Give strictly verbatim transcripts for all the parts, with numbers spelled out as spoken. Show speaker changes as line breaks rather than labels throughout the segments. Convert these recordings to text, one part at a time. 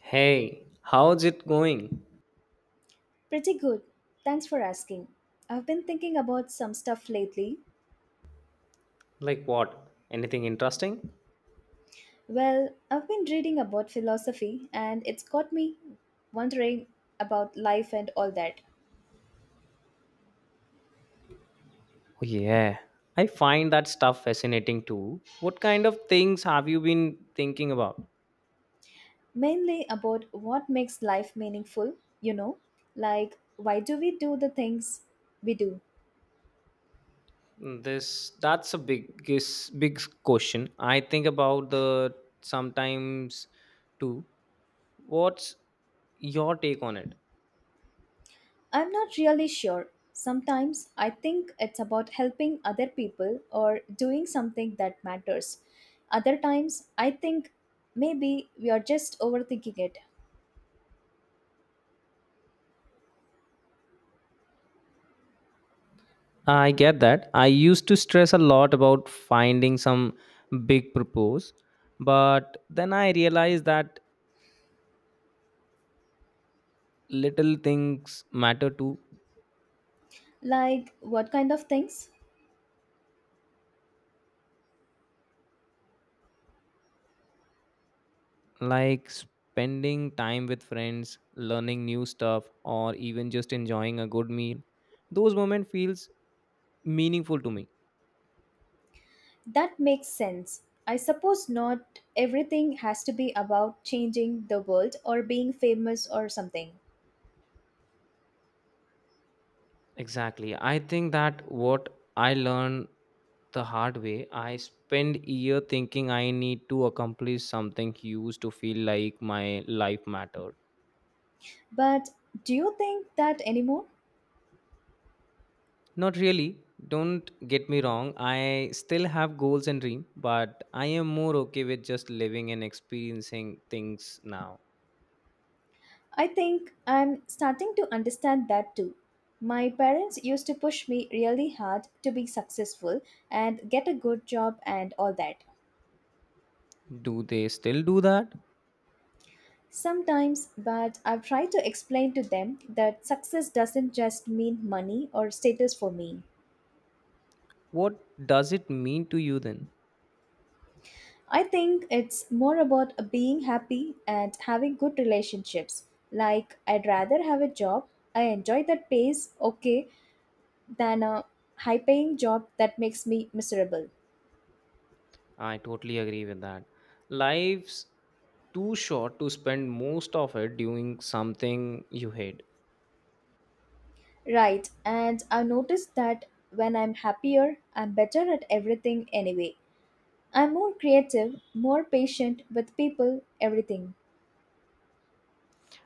Hey, how's it going?
Pretty good. Thanks for asking. I've been thinking about some stuff lately.
Like what? Anything interesting?
Well, I've been reading about philosophy and it's got me wondering about life and all that.
Oh, yeah, I find that stuff fascinating too. What kind of things have you been thinking about?
Mainly about what makes life meaningful, you know? Like, why do we do the things we do?
Mm, This that's a biggest big question. I think about the sometimes too. What's your take on it?
I'm not really sure. Sometimes I think it's about helping other people or doing something that matters. Other times I think maybe we are just overthinking it.
I get that. I used to stress a lot about finding some big purpose, but then I realized that little things matter too,
Like what kind of things?
like spending time with friends, learning new stuff, or even just enjoying a good meal. Those moments feels meaningful to me.
That makes sense. I suppose not everything has to be about changing the world or being famous or something.
Exactly. I think that what I learned the hard way, I spend year thinking I need to accomplish something huge to feel like my life mattered.
But do you think that anymore?
Not really. Don't get me wrong. I still have goals and dream, but I am more okay with just living and experiencing things now.
I think I'm starting to understand that too. My parents used to push me really hard to be successful and get a good job and all that.
Do they still do that?
Sometimes, but I've tried to explain to them that success doesn't just mean money or status for me.
What does it mean to you then?
I think it's more about being happy and having good relationships. Like, I'd rather have a job I enjoy that pays okay than a high paying job that makes me miserable.
I totally agree with that. Life's too short to spend most of it doing something you hate.
Right, and I've noticed that when I'm happier, I'm better at everything anyway. I'm more creative, more patient with people, everything.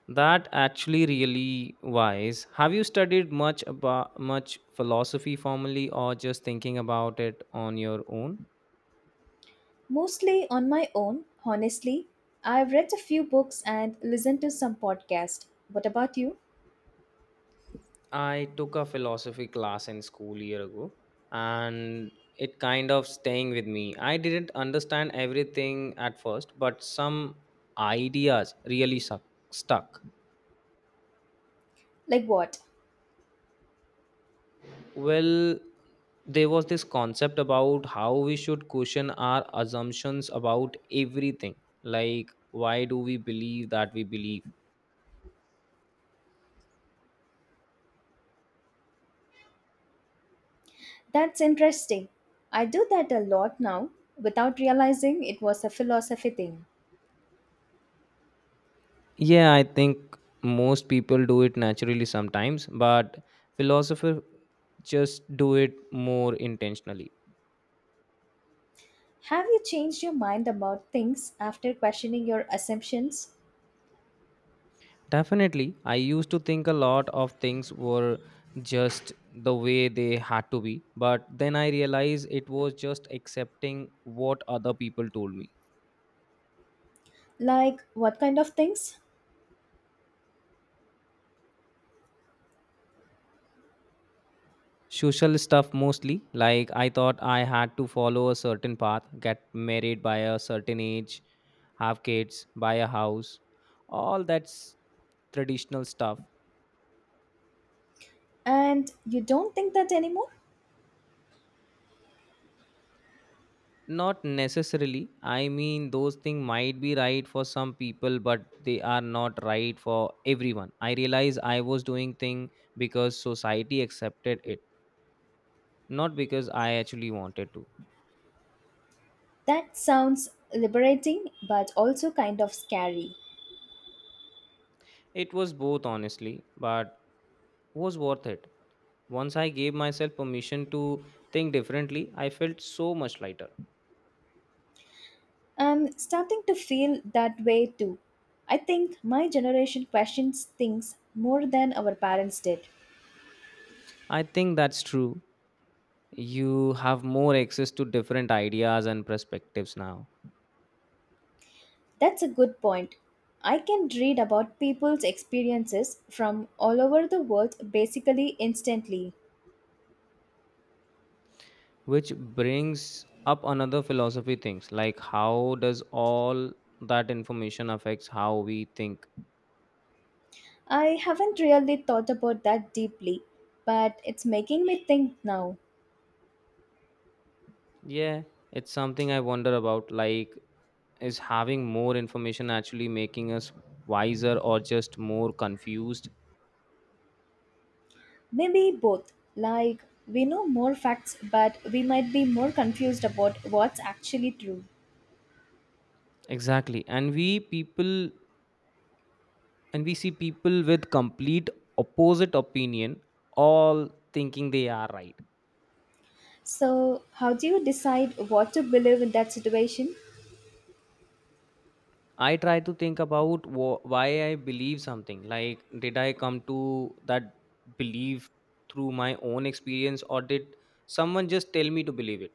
That actually really wise. Have you studied much about much philosophy formally or just thinking about it on your own?
Mostly on my own, honestly. I've read a few books and listened to some podcasts. What about you?
I took a philosophy class in school year ago and it kind of staying with me. I didn't understand everything at first, but some ideas really suck, stuck.
Like what?
Well, there was this concept about how we should question our assumptions about everything. Like, why do we believe that we believe?
That's interesting. I do that a lot now without realizing it was a philosophy thing.
Yeah, I think most people do it naturally sometimes, but philosophers just do it more intentionally.
Have you changed your mind about things after questioning your assumptions?
Definitely. I used to think a lot of things were just the way they had to be, but then I realized it was just accepting what other people told me.
Like what kind of things?
Social stuff mostly, like I thought I had to follow a certain path, get married by a certain age, have kids, buy a house, all that's traditional stuff.
And you don't think that anymore?
Not necessarily. I mean, those things might be right for some people, but they are not right for everyone. I realize I was doing thing because society accepted it, not because I actually wanted to.
That sounds liberating but also kind of scary.
It was both, honestly, but was worth it. Once I gave myself permission to think differently, I felt so much lighter.
I'm starting to feel that way too. I think my generation questions things more than our parents did.
I think that's true. You have more access to different ideas and perspectives now,
That's a good point. I can read about people's experiences from all over the world basically instantly.
which brings up another philosophy things like how does all that information affects how we think.
I haven't really thought about that deeply, but it's making me think now.
Yeah, it's something I wonder about, like is having more information actually making us wiser or just more confused?
Maybe both. Like, we know more facts, but we might be more confused about what's actually true.
Exactly, and we people and we see people with complete opposite opinion all thinking they are right.
So, how do you decide what to believe in that situation?
I try to think about wh- why I believe something. Like, did I come to that belief through my own experience, or did someone just tell me to believe it?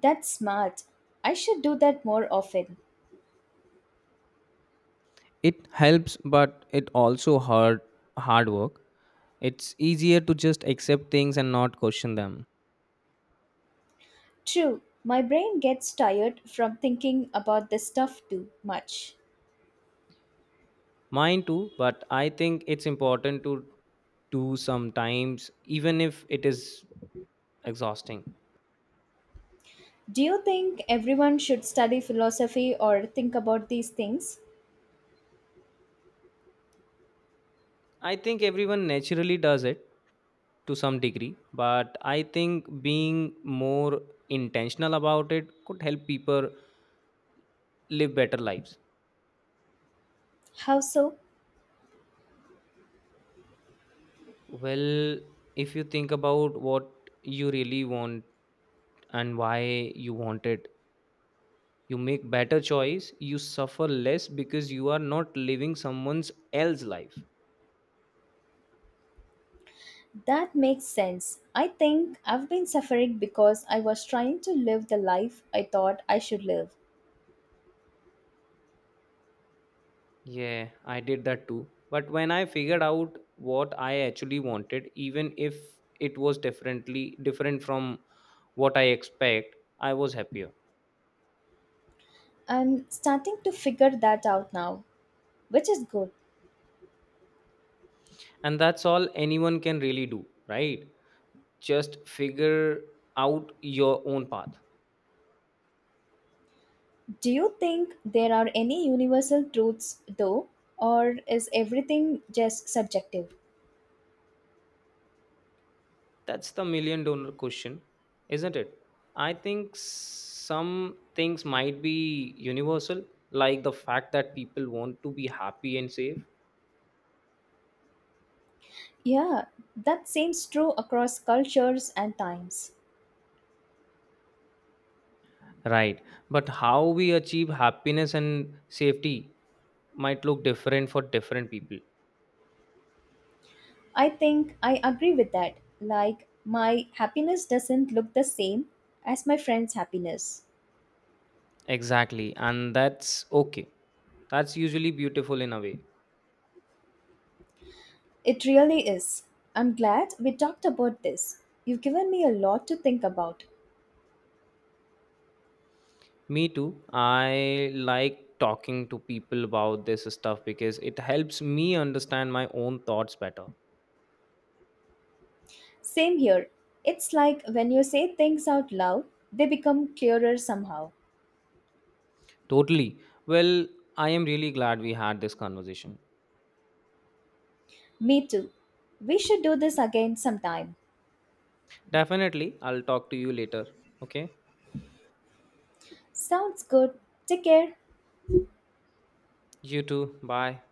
That's smart. I should do that more often.
It helps, but it also hard hard work. It's easier to just accept things and not question them.
True, my brain gets tired from thinking about this stuff too much.
Mine too, but I think it's important to do sometimes, even if it is exhausting.
Do you think everyone should study philosophy or think about these things?
I think everyone naturally does it to some degree, but I think being more intentional about it could help people live better lives.
How so?
Well, if you think about what you really want and why you want it, you make better choice, you suffer less because you are not living someone's else life.
That makes sense. I think I've been suffering because I was trying to live the life I thought I should live.
Yeah, I did that too, but when I figured out what I actually wanted, even if it was differently different from what I expect, I was happier.
I'm starting to figure that out now, which is good.
And that's all anyone can really do, right? Just figure out your own path.
Do you think there are any universal truths though, or is everything just subjective?
That's the million dollar question, isn't it? I think some things might be universal, like the fact that people want to be happy and safe.
Yeah, that seems true across cultures and times.
Right, but how we achieve happiness and safety might look different for different people.
I think I agree with that. Like, my happiness doesn't look the same as my friend's happiness.
Exactly, and that's okay. That's usually beautiful in a way.
It really is. I'm glad we talked about this. You've given me a lot to think about.
Me too. I like talking to people about this stuff because it helps me understand my own thoughts better.
Same here. It's like when you say things out loud, they become clearer somehow.
Totally. Well, I am really glad we had this conversation.
Me too. We should do this again sometime.
Definitely. I'll talk to you later. Okay.
Sounds good. Take care.
You too. Bye.